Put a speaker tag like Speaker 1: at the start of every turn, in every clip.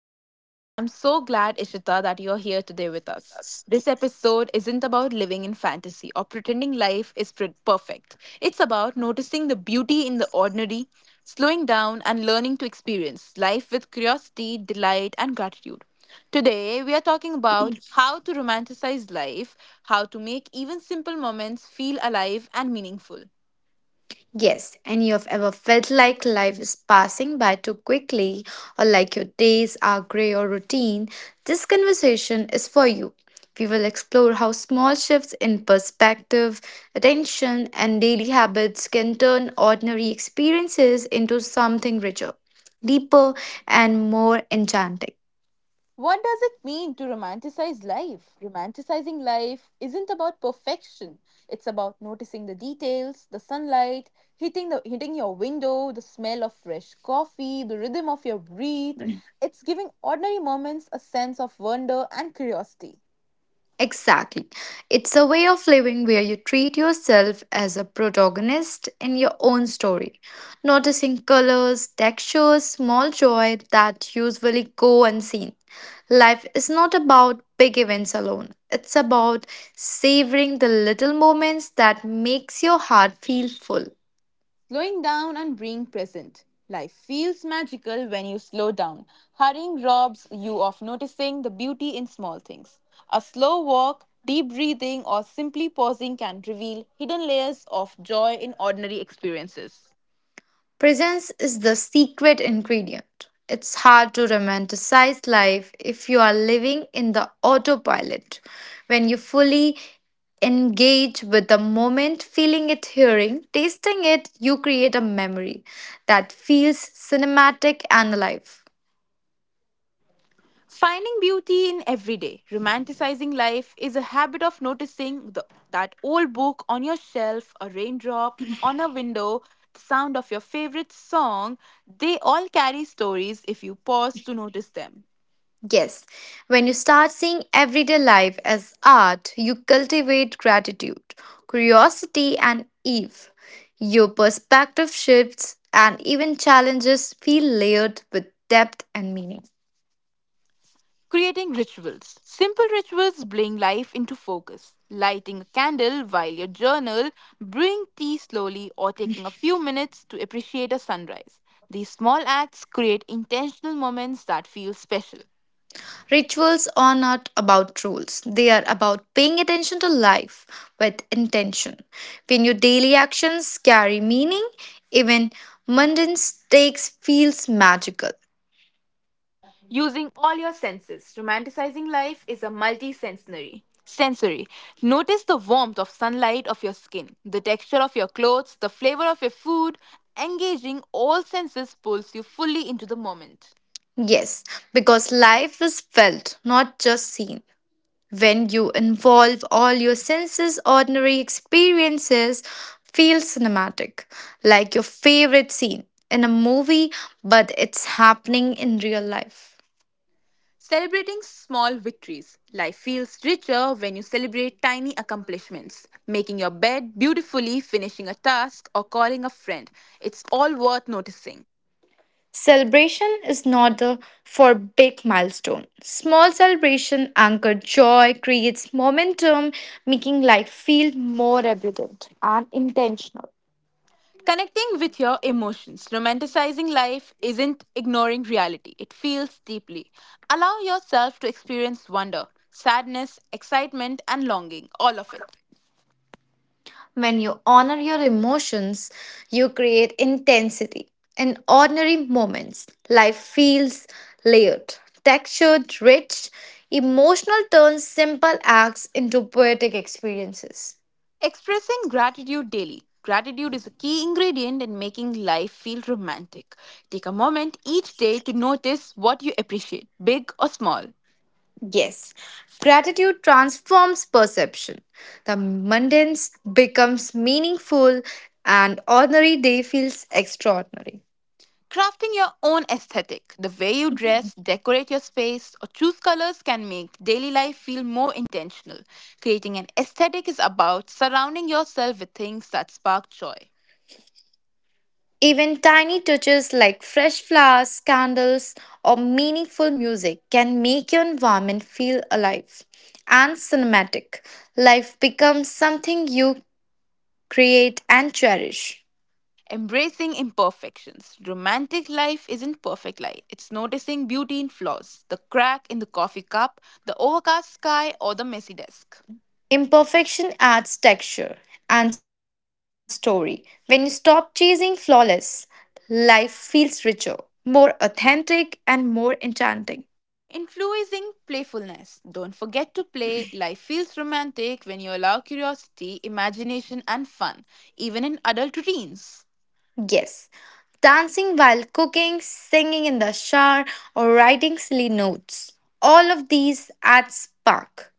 Speaker 1: podcast. I'm so glad, Ishita, that you're here today with us. This episode isn't about living in fantasy or pretending life is perfect. It's about noticing the beauty in the ordinary, slowing down, and learning to experience life with curiosity, delight, and gratitude. Today, we are talking about how to romanticize life, how to make even simple moments feel alive and meaningful.
Speaker 2: Yes, and you have ever felt like life is passing by too quickly or like your days are grey or routine, this conversation is for you. We will explore how small shifts in perspective, attention, and daily habits can turn ordinary experiences into something richer, deeper, and more enchanting.
Speaker 1: What does it mean to romanticize life? Romanticizing life isn't about perfection. It's about noticing the details, the sunlight, hitting your window, the smell of fresh coffee, the rhythm of your breath. It's giving ordinary moments a sense of wonder and curiosity.
Speaker 2: Exactly. It's a way of living where you treat yourself as a protagonist in your own story, noticing colors, textures, small joy that usually go unseen. Life is not about big events alone. It's about savoring the little moments that makes your heart feel full.
Speaker 1: Slowing down and being present. Life feels magical when you slow down. Hurrying robs you of noticing the beauty in small things. A slow walk, deep breathing, or simply pausing can reveal hidden layers of joy in ordinary experiences.
Speaker 2: Presence is the secret ingredient. It's hard to romanticize life if you are living in the autopilot. When you fully engage with the moment, feeling it, hearing, tasting it, you create a memory that feels cinematic and alive.
Speaker 1: Finding beauty in everyday, romanticizing life is a habit of noticing that old book on your shelf, a raindrop on a window, the sound of your favorite song. They all carry stories if you pause to notice them.
Speaker 2: Yes, when you start seeing everyday life as art, you cultivate gratitude, curiosity, and Eve. Your perspective shifts, and even challenges feel layered with depth and meaning.
Speaker 1: Creating rituals. Simple rituals bring life into focus. Lighting a candle while you journal, brewing tea slowly, or taking a few minutes to appreciate a sunrise. These small acts create intentional moments that feel special.
Speaker 2: Rituals are not about rules, they are about paying attention to life with intention. When your daily actions carry meaning, even mundane stakes feels magical.
Speaker 1: Using all your senses. Romanticizing life is a multi-sensory. Sensory. Notice the warmth of sunlight of your skin, the texture of your clothes, the flavor of your food. Engaging all senses pulls you fully into the moment.
Speaker 2: Yes, because life is felt, not just seen. When you involve all your senses, ordinary experiences feel cinematic, like your favorite scene in a movie, but it's happening in real life.
Speaker 1: Celebrating small victories. Life feels richer when you celebrate tiny accomplishments. Making your bed beautifully, finishing a task, or calling a friend. It's all worth noticing.
Speaker 2: Celebration is not a for big milestone. Small celebration anchor joy, creates momentum, making life feel more evident and intentional.
Speaker 1: Connecting with your emotions. Romanticizing life isn't ignoring reality, it feels deeply. Allow yourself to experience wonder, sadness, excitement, and longing, all of it.
Speaker 2: When you honor your emotions, you create intensity. In ordinary moments, life feels layered, textured, rich. Emotional turns simple acts into poetic experiences.
Speaker 1: Expressing gratitude daily. Gratitude is a key ingredient in making life feel romantic. Take a moment each day to notice what you appreciate, big or small.
Speaker 2: Yes, gratitude transforms perception. The mundane becomes meaningful, and ordinary day feels extraordinary.
Speaker 1: Crafting your own aesthetic, the way you dress, decorate your space, or choose colors can make daily life feel more intentional. Creating an aesthetic is about surrounding yourself with things that spark joy.
Speaker 2: Even tiny touches like fresh flowers, candles, or meaningful music can make your environment feel alive and cinematic. Life becomes something you create and cherish.
Speaker 1: Embracing imperfections. Romantic life isn't perfect life. It's noticing beauty in flaws, the crack in the coffee cup, the overcast sky, or the messy desk.
Speaker 2: Imperfection adds texture and story. When you stop chasing flawless, life feels richer, more authentic, and more enchanting.
Speaker 1: Influencing playfulness. Don't forget to play. Life feels romantic when you allow curiosity, imagination, and fun, even in adult routines.
Speaker 2: Yes, dancing while cooking, singing in the shower, or writing silly notes. All of these add spark.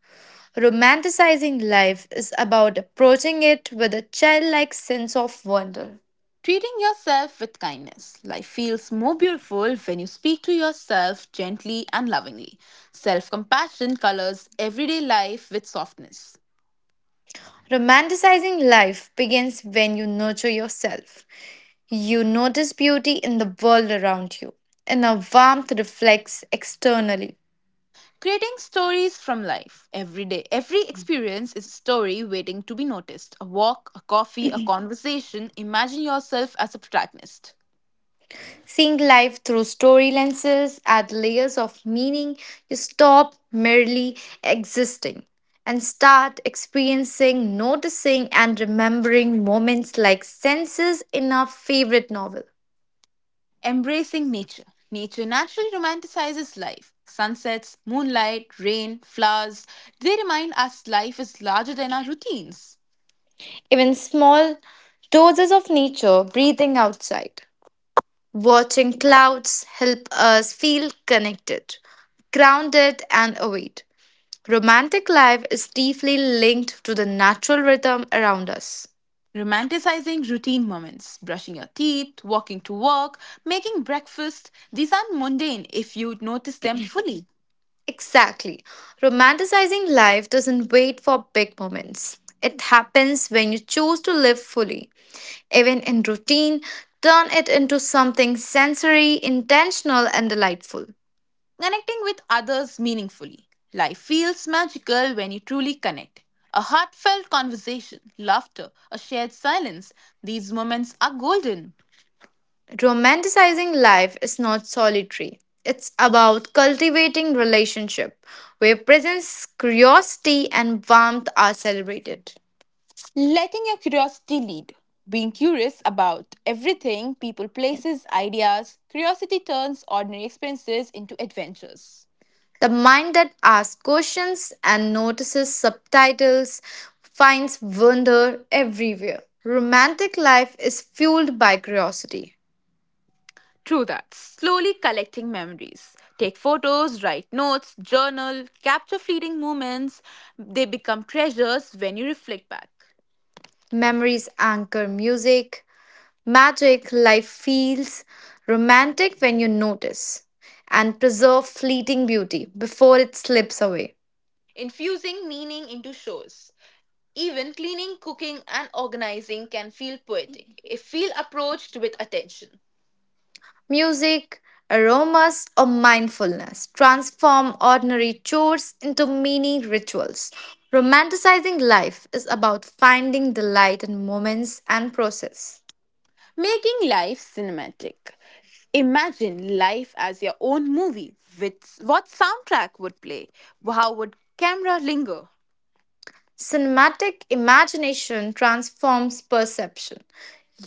Speaker 2: Romanticizing life is about approaching it with a childlike sense of wonder.
Speaker 1: Treating yourself with kindness. Life feels more beautiful when you speak to yourself gently and lovingly. Self compassion colors everyday life with softness.
Speaker 2: Romanticizing life begins when you nurture yourself. You notice beauty in the world around you, and a warmth reflects externally.
Speaker 1: Creating stories from life every day. Every experience is a story waiting to be noticed. A walk, a coffee, a conversation. Imagine yourself as a protagonist.
Speaker 2: Seeing life through story lenses add layers of meaning. You stop merely existing and start experiencing, noticing, and remembering moments like senses in our favorite novel.
Speaker 1: Embracing nature. Nature naturally romanticizes life. Sunsets, moonlight, rain, flowers, they remind us life is larger than our routines.
Speaker 2: Even small doses of nature, breathing outside, watching clouds help us feel connected, grounded, and awake. Romantic life is deeply linked to the natural rhythm around us.
Speaker 1: Romanticizing routine moments, brushing your teeth, walking to work, making breakfast, these aren't mundane if you notice them fully.
Speaker 2: Exactly. Romanticizing life doesn't wait for big moments. It happens when you choose to live fully. Even in routine, turn it into something sensory, intentional, and delightful.
Speaker 1: Connecting with others meaningfully. Life feels magical when you truly connect. A heartfelt conversation, laughter, a shared silence, these moments are golden.
Speaker 2: Romanticizing life is not solitary. It's about cultivating relationship where presence, curiosity, and warmth are celebrated.
Speaker 1: Letting your curiosity lead. Being curious about everything, people, places, ideas, curiosity turns ordinary experiences into adventures.
Speaker 2: The mind that asks questions and notices subtitles finds wonder everywhere. Romantic life is fueled by curiosity.
Speaker 1: True that. Slowly collecting memories. Take photos, write notes, journal, capture fleeting moments. They become treasures when you reflect back.
Speaker 2: Memories anchor music, magic, life feels romantic when you notice and preserve fleeting beauty before it slips away.
Speaker 1: Infusing meaning into shows. Even cleaning, cooking, and organizing can feel poetic if feel approached with attention.
Speaker 2: Music, aromas, or mindfulness transform ordinary chores into mini rituals. Romanticizing life is about finding delight in moments and process.
Speaker 1: Making life cinematic. Imagine life as your own movie. With what soundtrack would play? How would camera linger?
Speaker 2: Cinematic imagination transforms perception.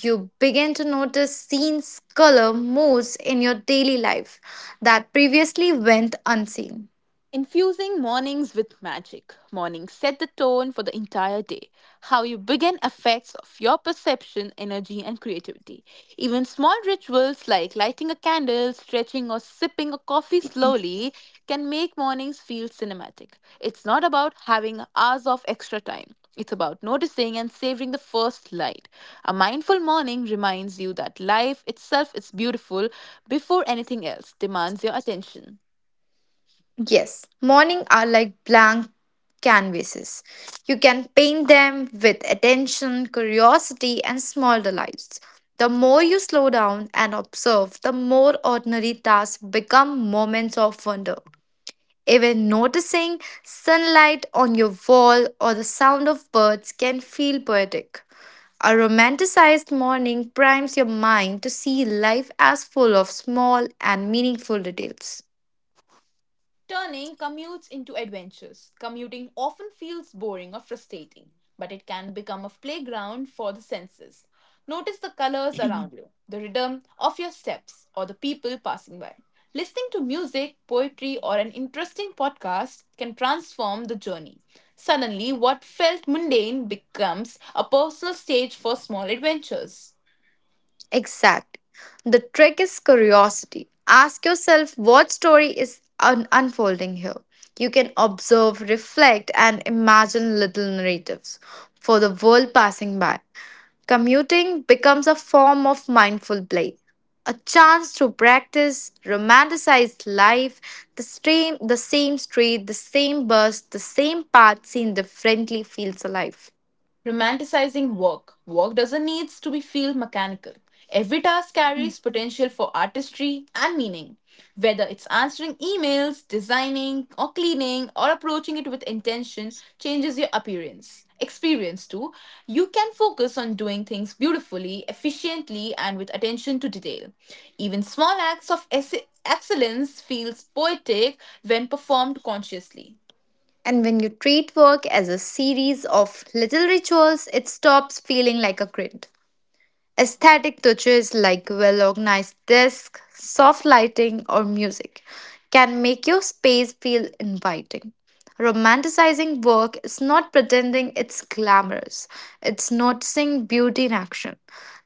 Speaker 2: You begin to notice scenes, color, moods in your daily life that previously went unseen.
Speaker 1: Infusing mornings with magic. Mornings set the tone for the entire day. How you begin affects of your perception, energy, and creativity. Even small rituals like lighting a candle, stretching, or sipping a coffee slowly can make mornings feel cinematic. It's not about having hours of extra time. It's about noticing and savoring the first light. A mindful morning reminds you that life itself is beautiful before anything else demands your attention.
Speaker 2: Yes, morning are like blank canvases. You can paint them with attention, curiosity, and small delights. The more you slow down and observe, the more ordinary tasks become moments of wonder. Even noticing sunlight on your wall or the sound of birds can feel poetic. A romanticized morning primes your mind to see life as full of small and meaningful details.
Speaker 1: Turning commutes into adventures. Commuting often feels boring or frustrating, but it can become a playground for the senses. Notice the colors around you, the rhythm of your steps, or the people passing by. Listening to music, poetry, or an interesting podcast can transform the journey. Suddenly, what felt mundane becomes a personal stage for small adventures.
Speaker 2: Exact. The trick is curiosity. Ask yourself what story is un- unfolding here. You can observe, reflect, and imagine little narratives for the world passing by. Commuting becomes a form of mindful play, a chance to practice romanticized life, stream, the same street, the same bus, the same path seen differently feels alive.
Speaker 1: Romanticizing work. Work doesn't need to be feel mechanical. Every task carries potential for artistry and meaning. Whether it's answering emails, designing or cleaning or approaching it with intention changes your appearance. Experience too. You can focus on doing things beautifully, efficiently and with attention to detail. Even small acts of excellence feels poetic when performed consciously.
Speaker 2: And when you treat work as a series of little rituals, it stops feeling like a grid. Aesthetic touches like well organized desk, soft lighting, or music can make your space feel inviting. Romanticizing work is not pretending it's glamorous, it's noticing beauty in action.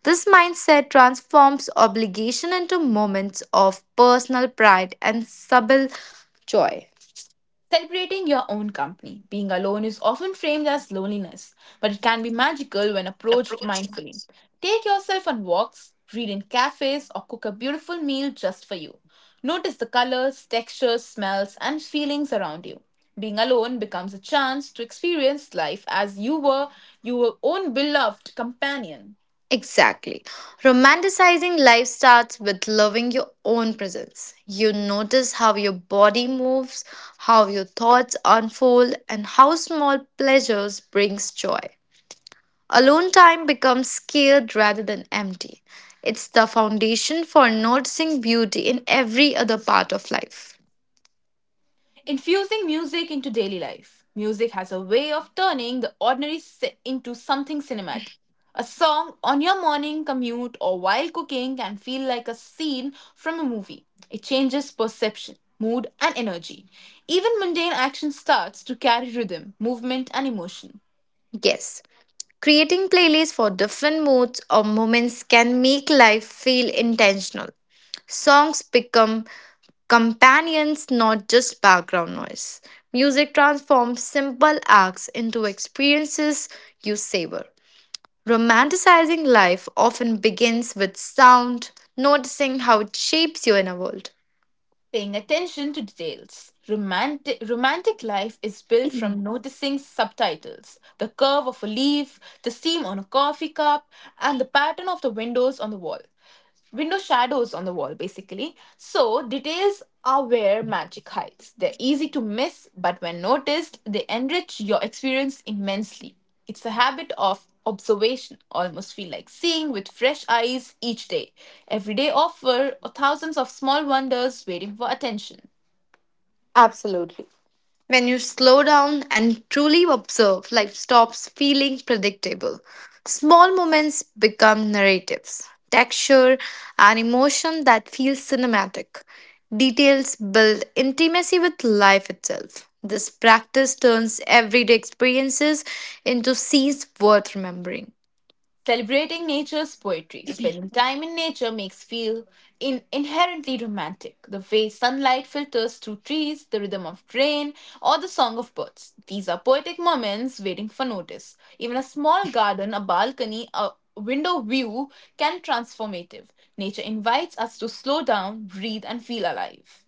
Speaker 2: This mindset transforms obligation into moments of personal pride and subtle joy.
Speaker 1: Celebrating your own company. Being alone is often framed as loneliness, but it can be magical when approached mindfully. Take yourself on walks, read in cafes, or cook a beautiful meal just for you. Notice the colors, textures, smells, and feelings around you. Being alone becomes a chance to experience life as you were your own beloved companion.
Speaker 2: Exactly. Romanticizing life starts with loving your own presence. You notice how your body moves, how your thoughts unfold, and how small pleasures brings joy. Alone time becomes scared rather than empty. It's the foundation for noticing beauty in every other part of life.
Speaker 1: Infusing music into daily life. Music has a way of turning the ordinary into something cinematic. A song on your morning commute or while cooking can feel like a scene from a movie. It changes perception, mood, and energy. Even mundane action starts to carry rhythm, movement, and emotion.
Speaker 2: Yes, creating playlists for different moods or moments can make life feel intentional. Songs become companions, not just background noise. Music transforms simple acts into experiences you savor. Romanticizing life often begins with sound, noticing how it shapes you in a world.
Speaker 1: Paying attention to details. Romantic life is built from noticing subtitles the curve of a leaf, the steam on a coffee cup, and the pattern of the windows on the wall window shadows on the wall basically, so details are where magic hides. They're easy to miss, but when noticed, they enrich your experience immensely. It's a habit of observation, almost feel like seeing with fresh eyes each day. Every day offer thousands of small wonders waiting for attention.
Speaker 2: Absolutely. When you slow down and truly observe, life stops feeling predictable. Small moments become narratives, texture and emotion that feels cinematic. Details build intimacy with life itself. This practice turns everyday experiences into scenes worth remembering.
Speaker 1: Celebrating nature's poetry, spending time in nature makes feel in inherently romantic. The way sunlight filters through trees, the rhythm of rain, or the song of birds. These are poetic moments waiting for notice. Even a small garden, a balcony, a window view can transformative. Nature invites us to slow down, breathe, and feel alive.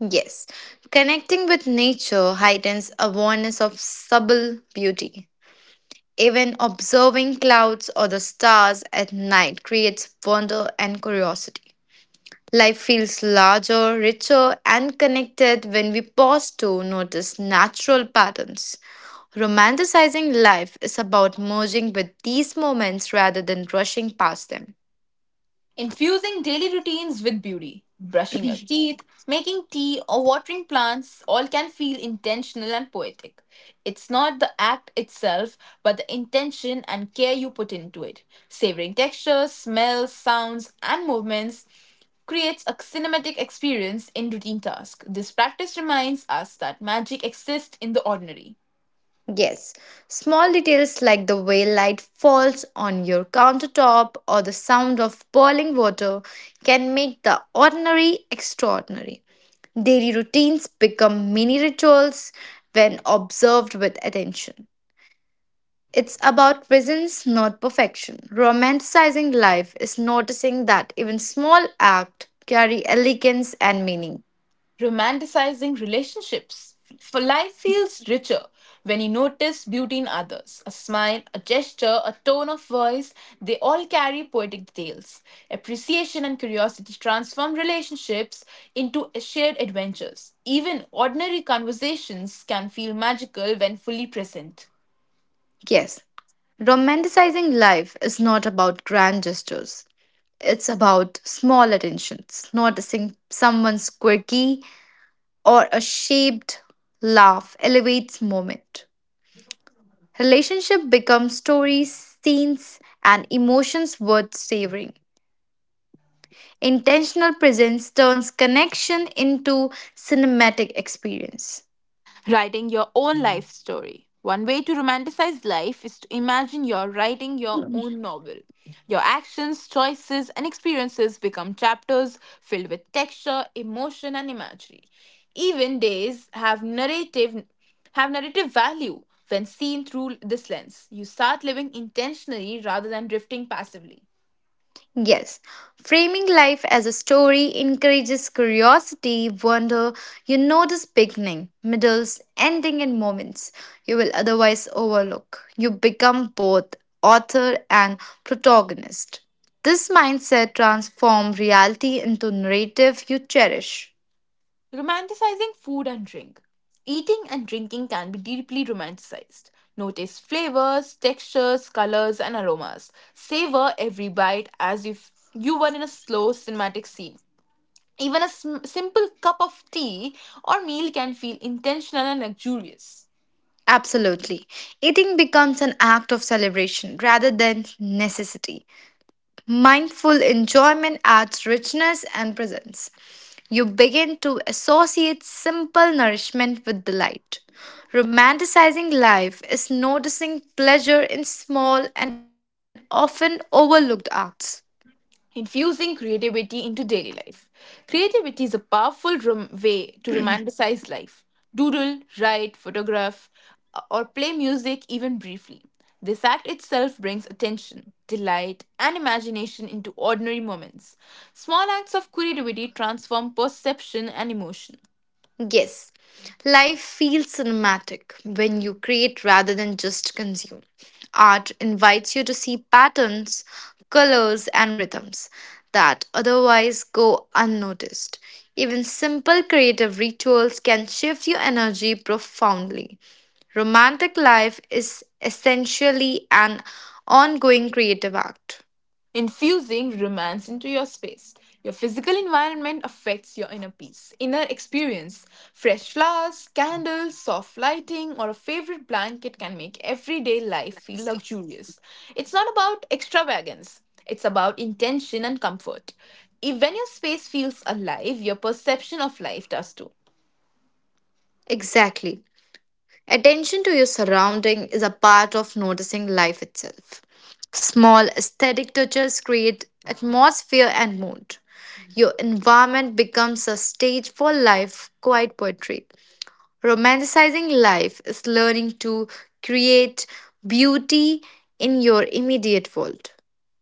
Speaker 2: Yes, connecting with nature heightens awareness of subtle beauty. Even observing clouds or the stars at night creates wonder and curiosity. Life feels larger, richer, and connected when we pause to notice natural patterns. Romanticizing life is about merging with these moments rather than rushing past them.
Speaker 1: Infusing daily routines with beauty, brushing your teeth, making tea, or watering plants all can feel intentional and poetic. It's not the act itself, but the intention and care you put into it. Savoring textures, smells, sounds, and movements creates a cinematic experience in routine tasks. This practice reminds us that magic exists in the ordinary.
Speaker 2: Yes, small details like the way light falls on your countertop or the sound of boiling water can make the ordinary extraordinary. Daily routines become mini rituals when observed with attention. It's about presence, not perfection. Romanticizing life is noticing that even small acts carry elegance and meaning.
Speaker 1: Romanticizing relationships. For life feels richer when you notice beauty in others. A smile, a gesture, a tone of voice, they all carry poetic tales. Appreciation and curiosity transform relationships into shared adventures. Even ordinary conversations can feel magical when fully present.
Speaker 2: Yes, romanticizing life is not about grand gestures. It's about small attentions, noticing someone's quirky or a shaped laugh elevates moment. Relationship becomes stories, scenes, and emotions worth savoring. Intentional presence turns connection into cinematic experience.
Speaker 1: Writing your own life story. One way to romanticize life is to imagine you're writing your own novel. Your actions, choices, and experiences become chapters filled with texture, emotion, and imagery. Even days have narrative value when seen through this lens. You start living intentionally rather than drifting passively.
Speaker 2: Yes, framing life as a story encourages curiosity, wonder. You notice beginning, middles, ending, and moments you will otherwise overlook. You become both author and protagonist. This mindset transforms reality into narrative you cherish.
Speaker 1: Romanticizing food and drink. Eating and drinking can be deeply romanticized. Notice flavors, textures, colors, and aromas. Savor every bite as if you were in a slow cinematic scene. Even a simple cup of tea or meal can feel intentional and luxurious.
Speaker 2: Absolutely. Eating becomes an act of celebration rather than necessity. Mindful enjoyment adds richness and presence. You begin to associate simple nourishment with delight. Romanticizing life is noticing pleasure in small and often overlooked acts.
Speaker 1: Infusing creativity into daily life. Creativity is a powerful way to romanticize life. Doodle, write, photograph, or play music even briefly. This act itself brings attention, delight, and imagination into ordinary moments. Small acts of creativity transform perception and emotion.
Speaker 2: Yes, life feels cinematic when you create rather than just consume. Art invites you to see patterns, colors, and rhythms that otherwise go unnoticed. Even simple creative rituals can shift your energy profoundly. Romantic life is essentially an ongoing creative act.
Speaker 1: Infusing romance into your space. Your physical environment affects your inner experience. Fresh flowers, candles, soft lighting, or a favorite blanket can make everyday life feel luxurious. It's not about extravagance, it's about intention and comfort. If, when your space feels alive, your perception of life does too.
Speaker 2: Exactly. Attention to your surrounding is a part of noticing life itself. Small aesthetic touches create atmosphere and mood. Your environment becomes a stage for life, quite poetry. Romanticizing life is learning to create beauty in your immediate world.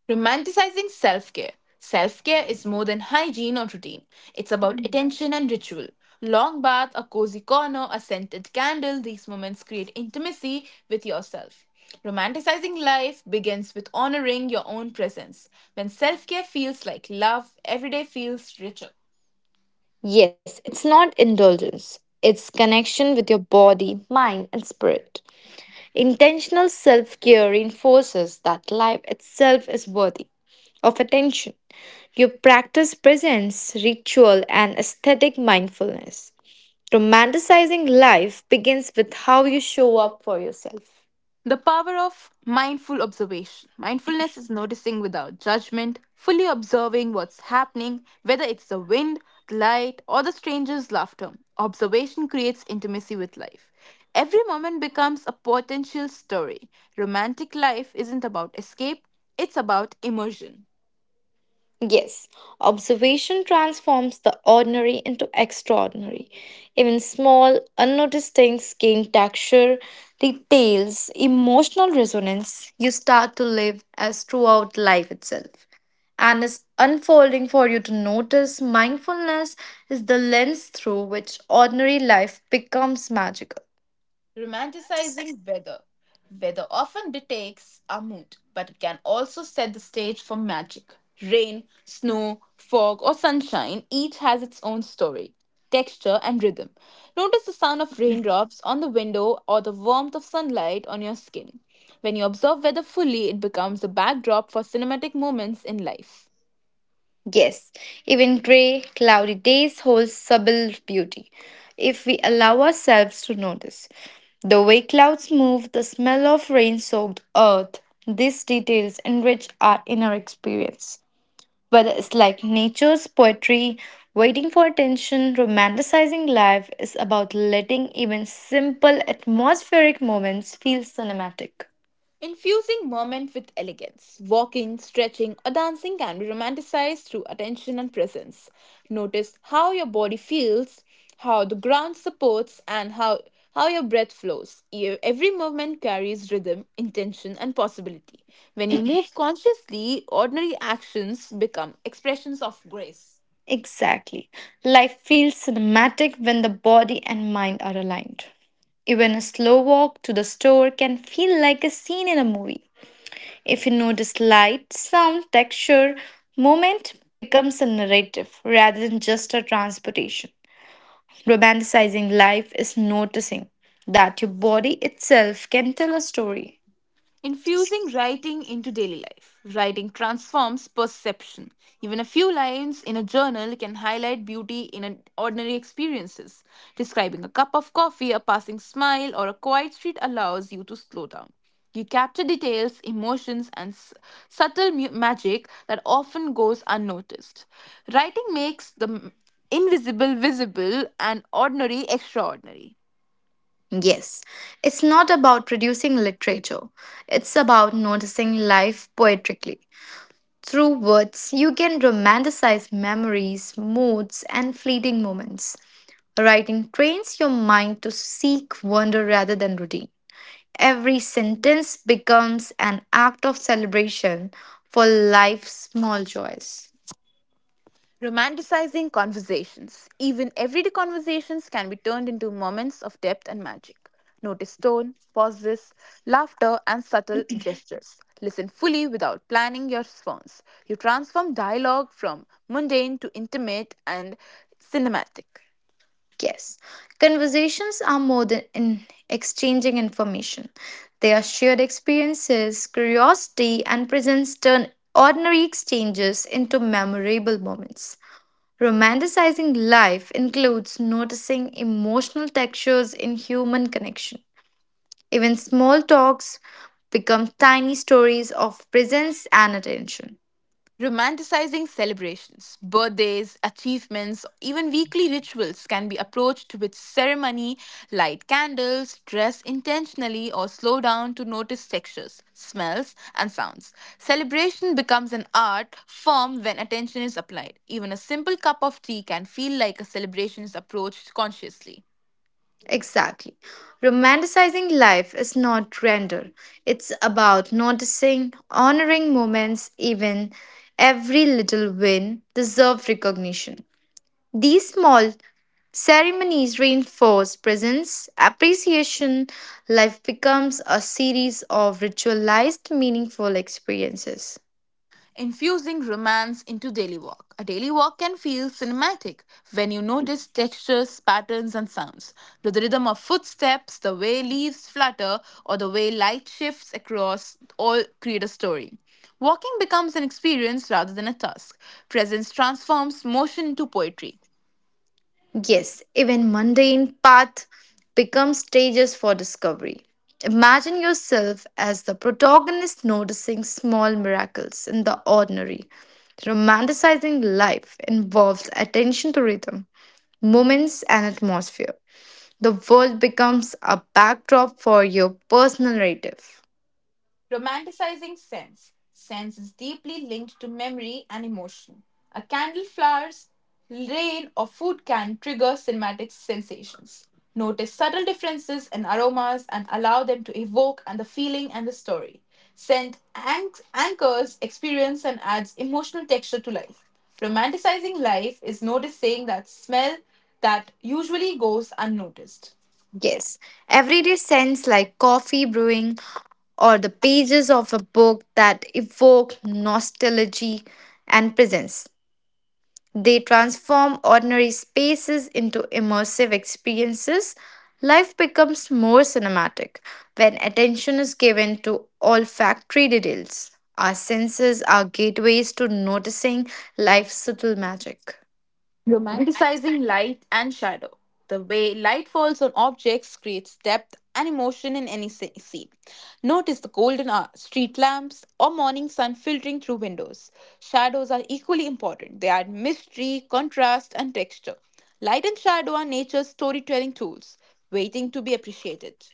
Speaker 1: Romanticizing self care. Self care is more than hygiene or routine, it's about attention and ritual. Long bath, a cozy corner, a scented candle, these moments create intimacy with yourself. Romanticizing life begins with honoring your own presence. When self care feels like love, every day feels richer.
Speaker 2: Yes, it's not indulgence, it's connection with your body, mind, and spirit. Intentional self care reinforces that life itself is worthy of attention. You practice presence, ritual, and aesthetic mindfulness. Romanticizing life begins with how you show up for yourself.
Speaker 1: The power of mindful observation. Mindfulness is noticing without judgment, fully observing what's happening, whether it's the wind, the light, or the stranger's laughter. Observation creates intimacy with life. Every moment becomes a potential story. Romantic life isn't about escape, it's about immersion.
Speaker 2: Yes, observation transforms the ordinary into extraordinary. Even small, unnoticed things gain texture, details, emotional resonance. You start to live as throughout life itself. And is unfolding for you to notice mindfulness is the lens through which ordinary life becomes magical.
Speaker 1: Romanticizing weather. Weather often dictates our mood, but it can also set the stage for magic. Rain, snow, fog, or sunshine each has its own story, texture, and rhythm. Notice the sound of raindrops on the window or the warmth of sunlight on your skin. When you observe weather fully, it becomes the backdrop for cinematic moments in life.
Speaker 2: Yes, even grey, cloudy days hold subtle beauty if we allow ourselves to notice. The way clouds move, the smell of rain soaked earth, these details enrich our inner experience. Whether it's like nature's poetry, waiting for attention, romanticizing life is about letting even simple atmospheric moments feel cinematic.
Speaker 1: Infusing movement with elegance. Walking, stretching, or dancing can be romanticized through attention and presence. Notice how your body feels, how the ground supports, and how your breath flows. Every movement carries rhythm, intention, and possibility. When you move consciously, ordinary actions become expressions of grace.
Speaker 2: Exactly. Life feels cinematic when the body and mind are aligned. Even a slow walk to the store can feel like a scene in a movie. If you notice light, sound, texture, movement becomes a narrative rather than just a transportation. Romanticizing life is noticing that your body itself can tell a story.
Speaker 1: Infusing writing into daily life. Writing transforms perception. Even a few lines in a journal can highlight beauty in an ordinary experiences. Describing a cup of coffee, a passing smile, or a quiet street allows you to slow down. You capture details, emotions, and subtle magic that often goes unnoticed. Writing makes the invisible visible and ordinary extraordinary.
Speaker 2: Yes, it's not about producing literature, it's about noticing life poetically. Through words, you can romanticize memories, moods, and fleeting moments. Writing trains your mind to seek wonder rather than routine. Every sentence becomes an act of celebration for life's small joys.
Speaker 1: Romanticizing conversations. Even everyday conversations can be turned into moments of depth and magic. Notice tone, pauses, laughter, and subtle gestures. Listen fully without planning your response. You transform dialogue from mundane to intimate and cinematic.
Speaker 2: Yes, conversations are more than in exchanging information. They are shared experiences, curiosity, and presence turn ordinary exchanges into memorable moments. Romanticizing life includes noticing emotional textures in human connection. Even small talks become tiny stories of presence and attention.
Speaker 1: Romanticizing celebrations, birthdays, achievements, even weekly rituals can be approached with ceremony, light candles, dress intentionally, or slow down to notice textures, smells, and sounds. Celebration becomes an art form when attention is applied. Even a simple cup of tea can feel like a celebration is approached consciously.
Speaker 2: Exactly. Romanticizing life is not render, it's about noticing, honoring moments, even every little win deserves recognition. These small ceremonies reinforce presence, appreciation. Life becomes a series of ritualized, meaningful experiences.
Speaker 1: Infusing romance into daily walk. A daily walk can feel cinematic when you notice textures, patterns, and sounds. To the rhythm of footsteps, the way leaves flutter, or the way light shifts across all create a story. Walking becomes an experience rather than a task. Presence transforms motion into poetry.
Speaker 2: Yes, even mundane path becomes stages for discovery. Imagine yourself as the protagonist noticing small miracles in the ordinary. Romanticizing life involves attention to rhythm, moments, and atmosphere. The world becomes a backdrop for your personal narrative.
Speaker 1: Romanticizing sense. Sense is deeply linked to memory and emotion. A candle flowers, rain, or food can trigger cinematic sensations. Notice subtle differences in aromas and allow them to evoke and the feeling and the story. Scent anchors experience and adds emotional texture to life. Romanticizing life is noticing that smell that usually goes unnoticed.
Speaker 2: Yes, everyday scents like coffee brewing or the pages of a book that evoke nostalgia and presence. They transform ordinary spaces into immersive experiences. Life becomes more cinematic when attention is given to olfactory details. Our senses are gateways to noticing life's subtle magic.
Speaker 1: Romanticizing light and shadow. The way light falls on objects creates depth and emotion in any scene. Notice the golden hour, street lamps, or morning sun filtering through windows. Shadows are equally important. They add mystery, contrast, and texture. Light and shadow are nature's storytelling tools, waiting to be appreciated.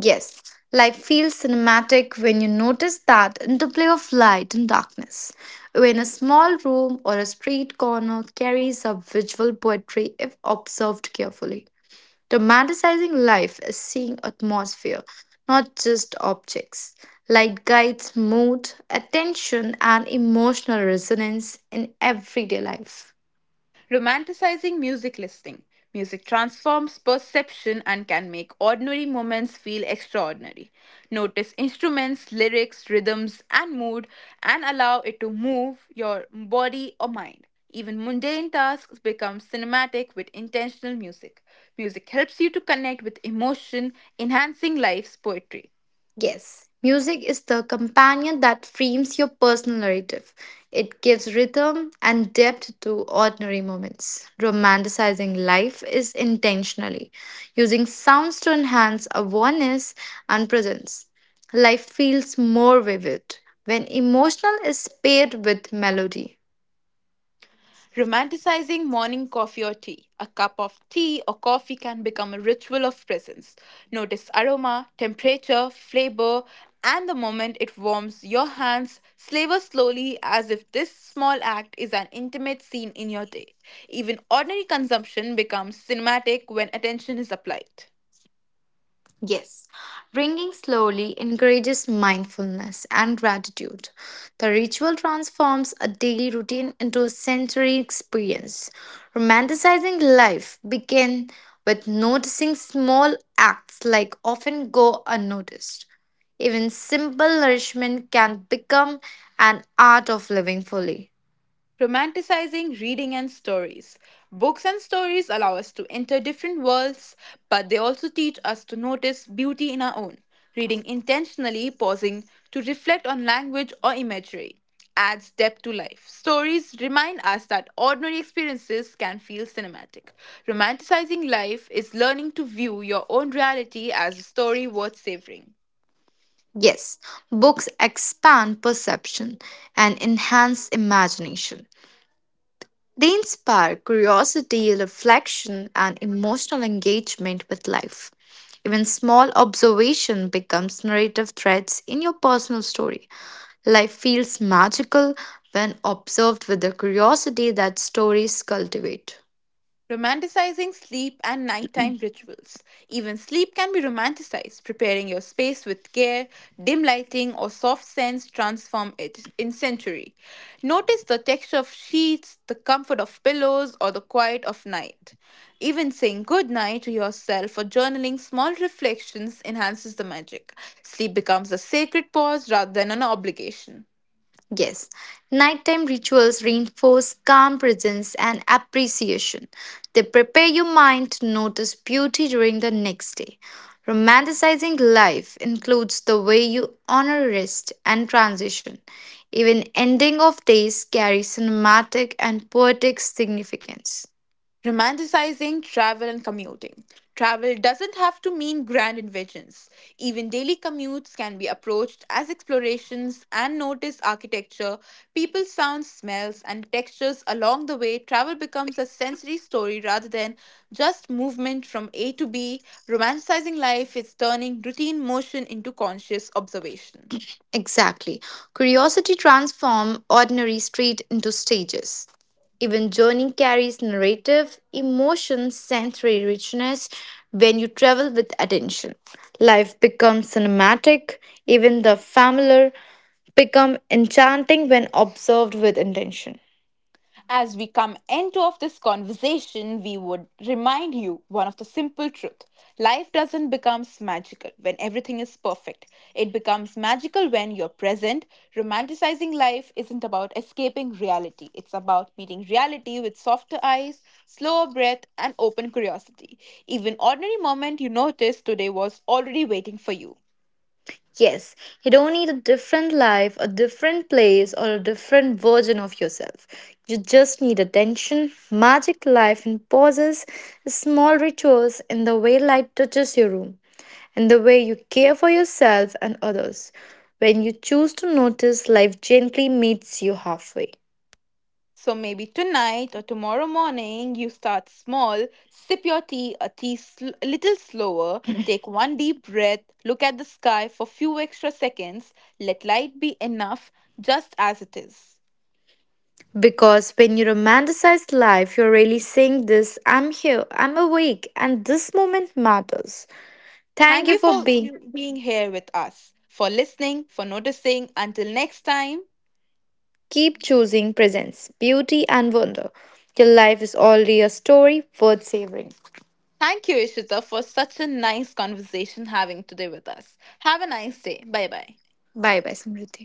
Speaker 2: Yes, life feels cinematic when you notice that interplay of light and darkness. When a small room or a street corner carries a visual poetry if observed carefully. Romanticizing life is seeing atmosphere, not just objects. Light guides mood, attention, and emotional resonance in everyday life.
Speaker 1: Romanticizing music listening. Music transforms perception and can make ordinary moments feel extraordinary. Notice instruments, lyrics, rhythms, and mood, and allow it to move your body or mind. Even mundane tasks become cinematic with intentional music. Music helps you to connect with emotion, enhancing life's poetry.
Speaker 2: Yes, music is the companion that frames your personal narrative. It gives rhythm and depth to ordinary moments. Romanticizing life is intentionally using sounds to enhance awareness and presence. Life feels more vivid when emotional is paired with melody.
Speaker 1: Romanticizing morning coffee or tea. A cup of tea or coffee can become a ritual of presence. Notice aroma, temperature, flavor, and the moment it warms your hands. Savor slowly as if this small act is an intimate scene in your day. Even ordinary consumption becomes cinematic when attention is applied.
Speaker 2: Yes, ringing slowly encourages mindfulness and gratitude. The ritual transforms a daily routine into a sensory experience. Romanticizing life begins with noticing small acts like often go unnoticed. Even simple nourishment can become an art of living fully.
Speaker 1: Romanticizing reading and stories. Books and stories allow us to enter different worlds, but they also teach us to notice beauty in our own. Reading intentionally, pausing to reflect on language or imagery, adds depth to life. Stories remind us that ordinary experiences can feel cinematic. Romanticizing life is learning to view your own reality as a story worth savoring.
Speaker 2: Yes, books expand perception and enhance imagination. They inspire curiosity, reflection, and emotional engagement with life. Even small observation becomes narrative threads in your personal story. Life feels magical when observed with the curiosity that stories cultivate.
Speaker 1: Romanticizing sleep and nighttime rituals. Even sleep can be romanticized. Preparing your space with care, dim lighting, or soft scents transform it in sensory. Notice the texture of sheets, the comfort of pillows, or the quiet of night. Even saying good night to yourself or journaling small reflections enhances the magic. Sleep becomes a sacred pause rather than an obligation.
Speaker 2: Yes, nighttime rituals reinforce calm presence and appreciation. They prepare your mind to notice beauty during the next day. Romanticizing life includes the way you honor rest and transition. Even ending of days carry cinematic and poetic significance.
Speaker 1: Romanticizing travel and commuting. Travel doesn't have to mean grand inventions. Even daily commutes can be approached as explorations and notice architecture, people, sounds, smells, and textures along the way. Travel becomes a sensory story rather than just movement from A to B. Romanticizing life is turning routine motion into conscious observation.
Speaker 3: Exactly. Curiosity transforms ordinary street into stages. Even journey carries narrative, emotion, sensory richness when you travel with attention. Life becomes cinematic, even the familiar become enchanting when observed with intention.
Speaker 1: As we come end of this conversation, we would remind you one of the simple truth. Life doesn't become magical when everything is perfect. It becomes magical when you're present. Romanticizing life isn't about escaping reality. It's about meeting reality with softer eyes, slower breath, and open curiosity. Even ordinary moment you notice today was already waiting for you.
Speaker 3: Yes, you don't need a different life, a different place, or a different version of yourself. You just need attention, magic life and pauses, small rituals, and the way light touches your room, and the way you care for yourself and others. When you choose to notice, life gently meets you halfway.
Speaker 1: So maybe tonight or tomorrow morning you start small, sip your tea a little slower, take one deep breath, look at the sky for few extra seconds, let light be enough just as it is.
Speaker 3: Because when you romanticize life, you're really saying this: I'm here, I'm awake, and this moment matters.
Speaker 1: Thank
Speaker 3: Thank
Speaker 1: you
Speaker 3: you for
Speaker 1: for
Speaker 3: being.
Speaker 1: you being here with us, for listening, for noticing. Until next time,
Speaker 3: Keep choosing presence, beauty, and wonder. Your life is already a story worth savoring.
Speaker 1: thank you Ishita for such a nice conversation having today with us. Have a nice day. Bye bye.
Speaker 3: Bye bye, Samriddhi.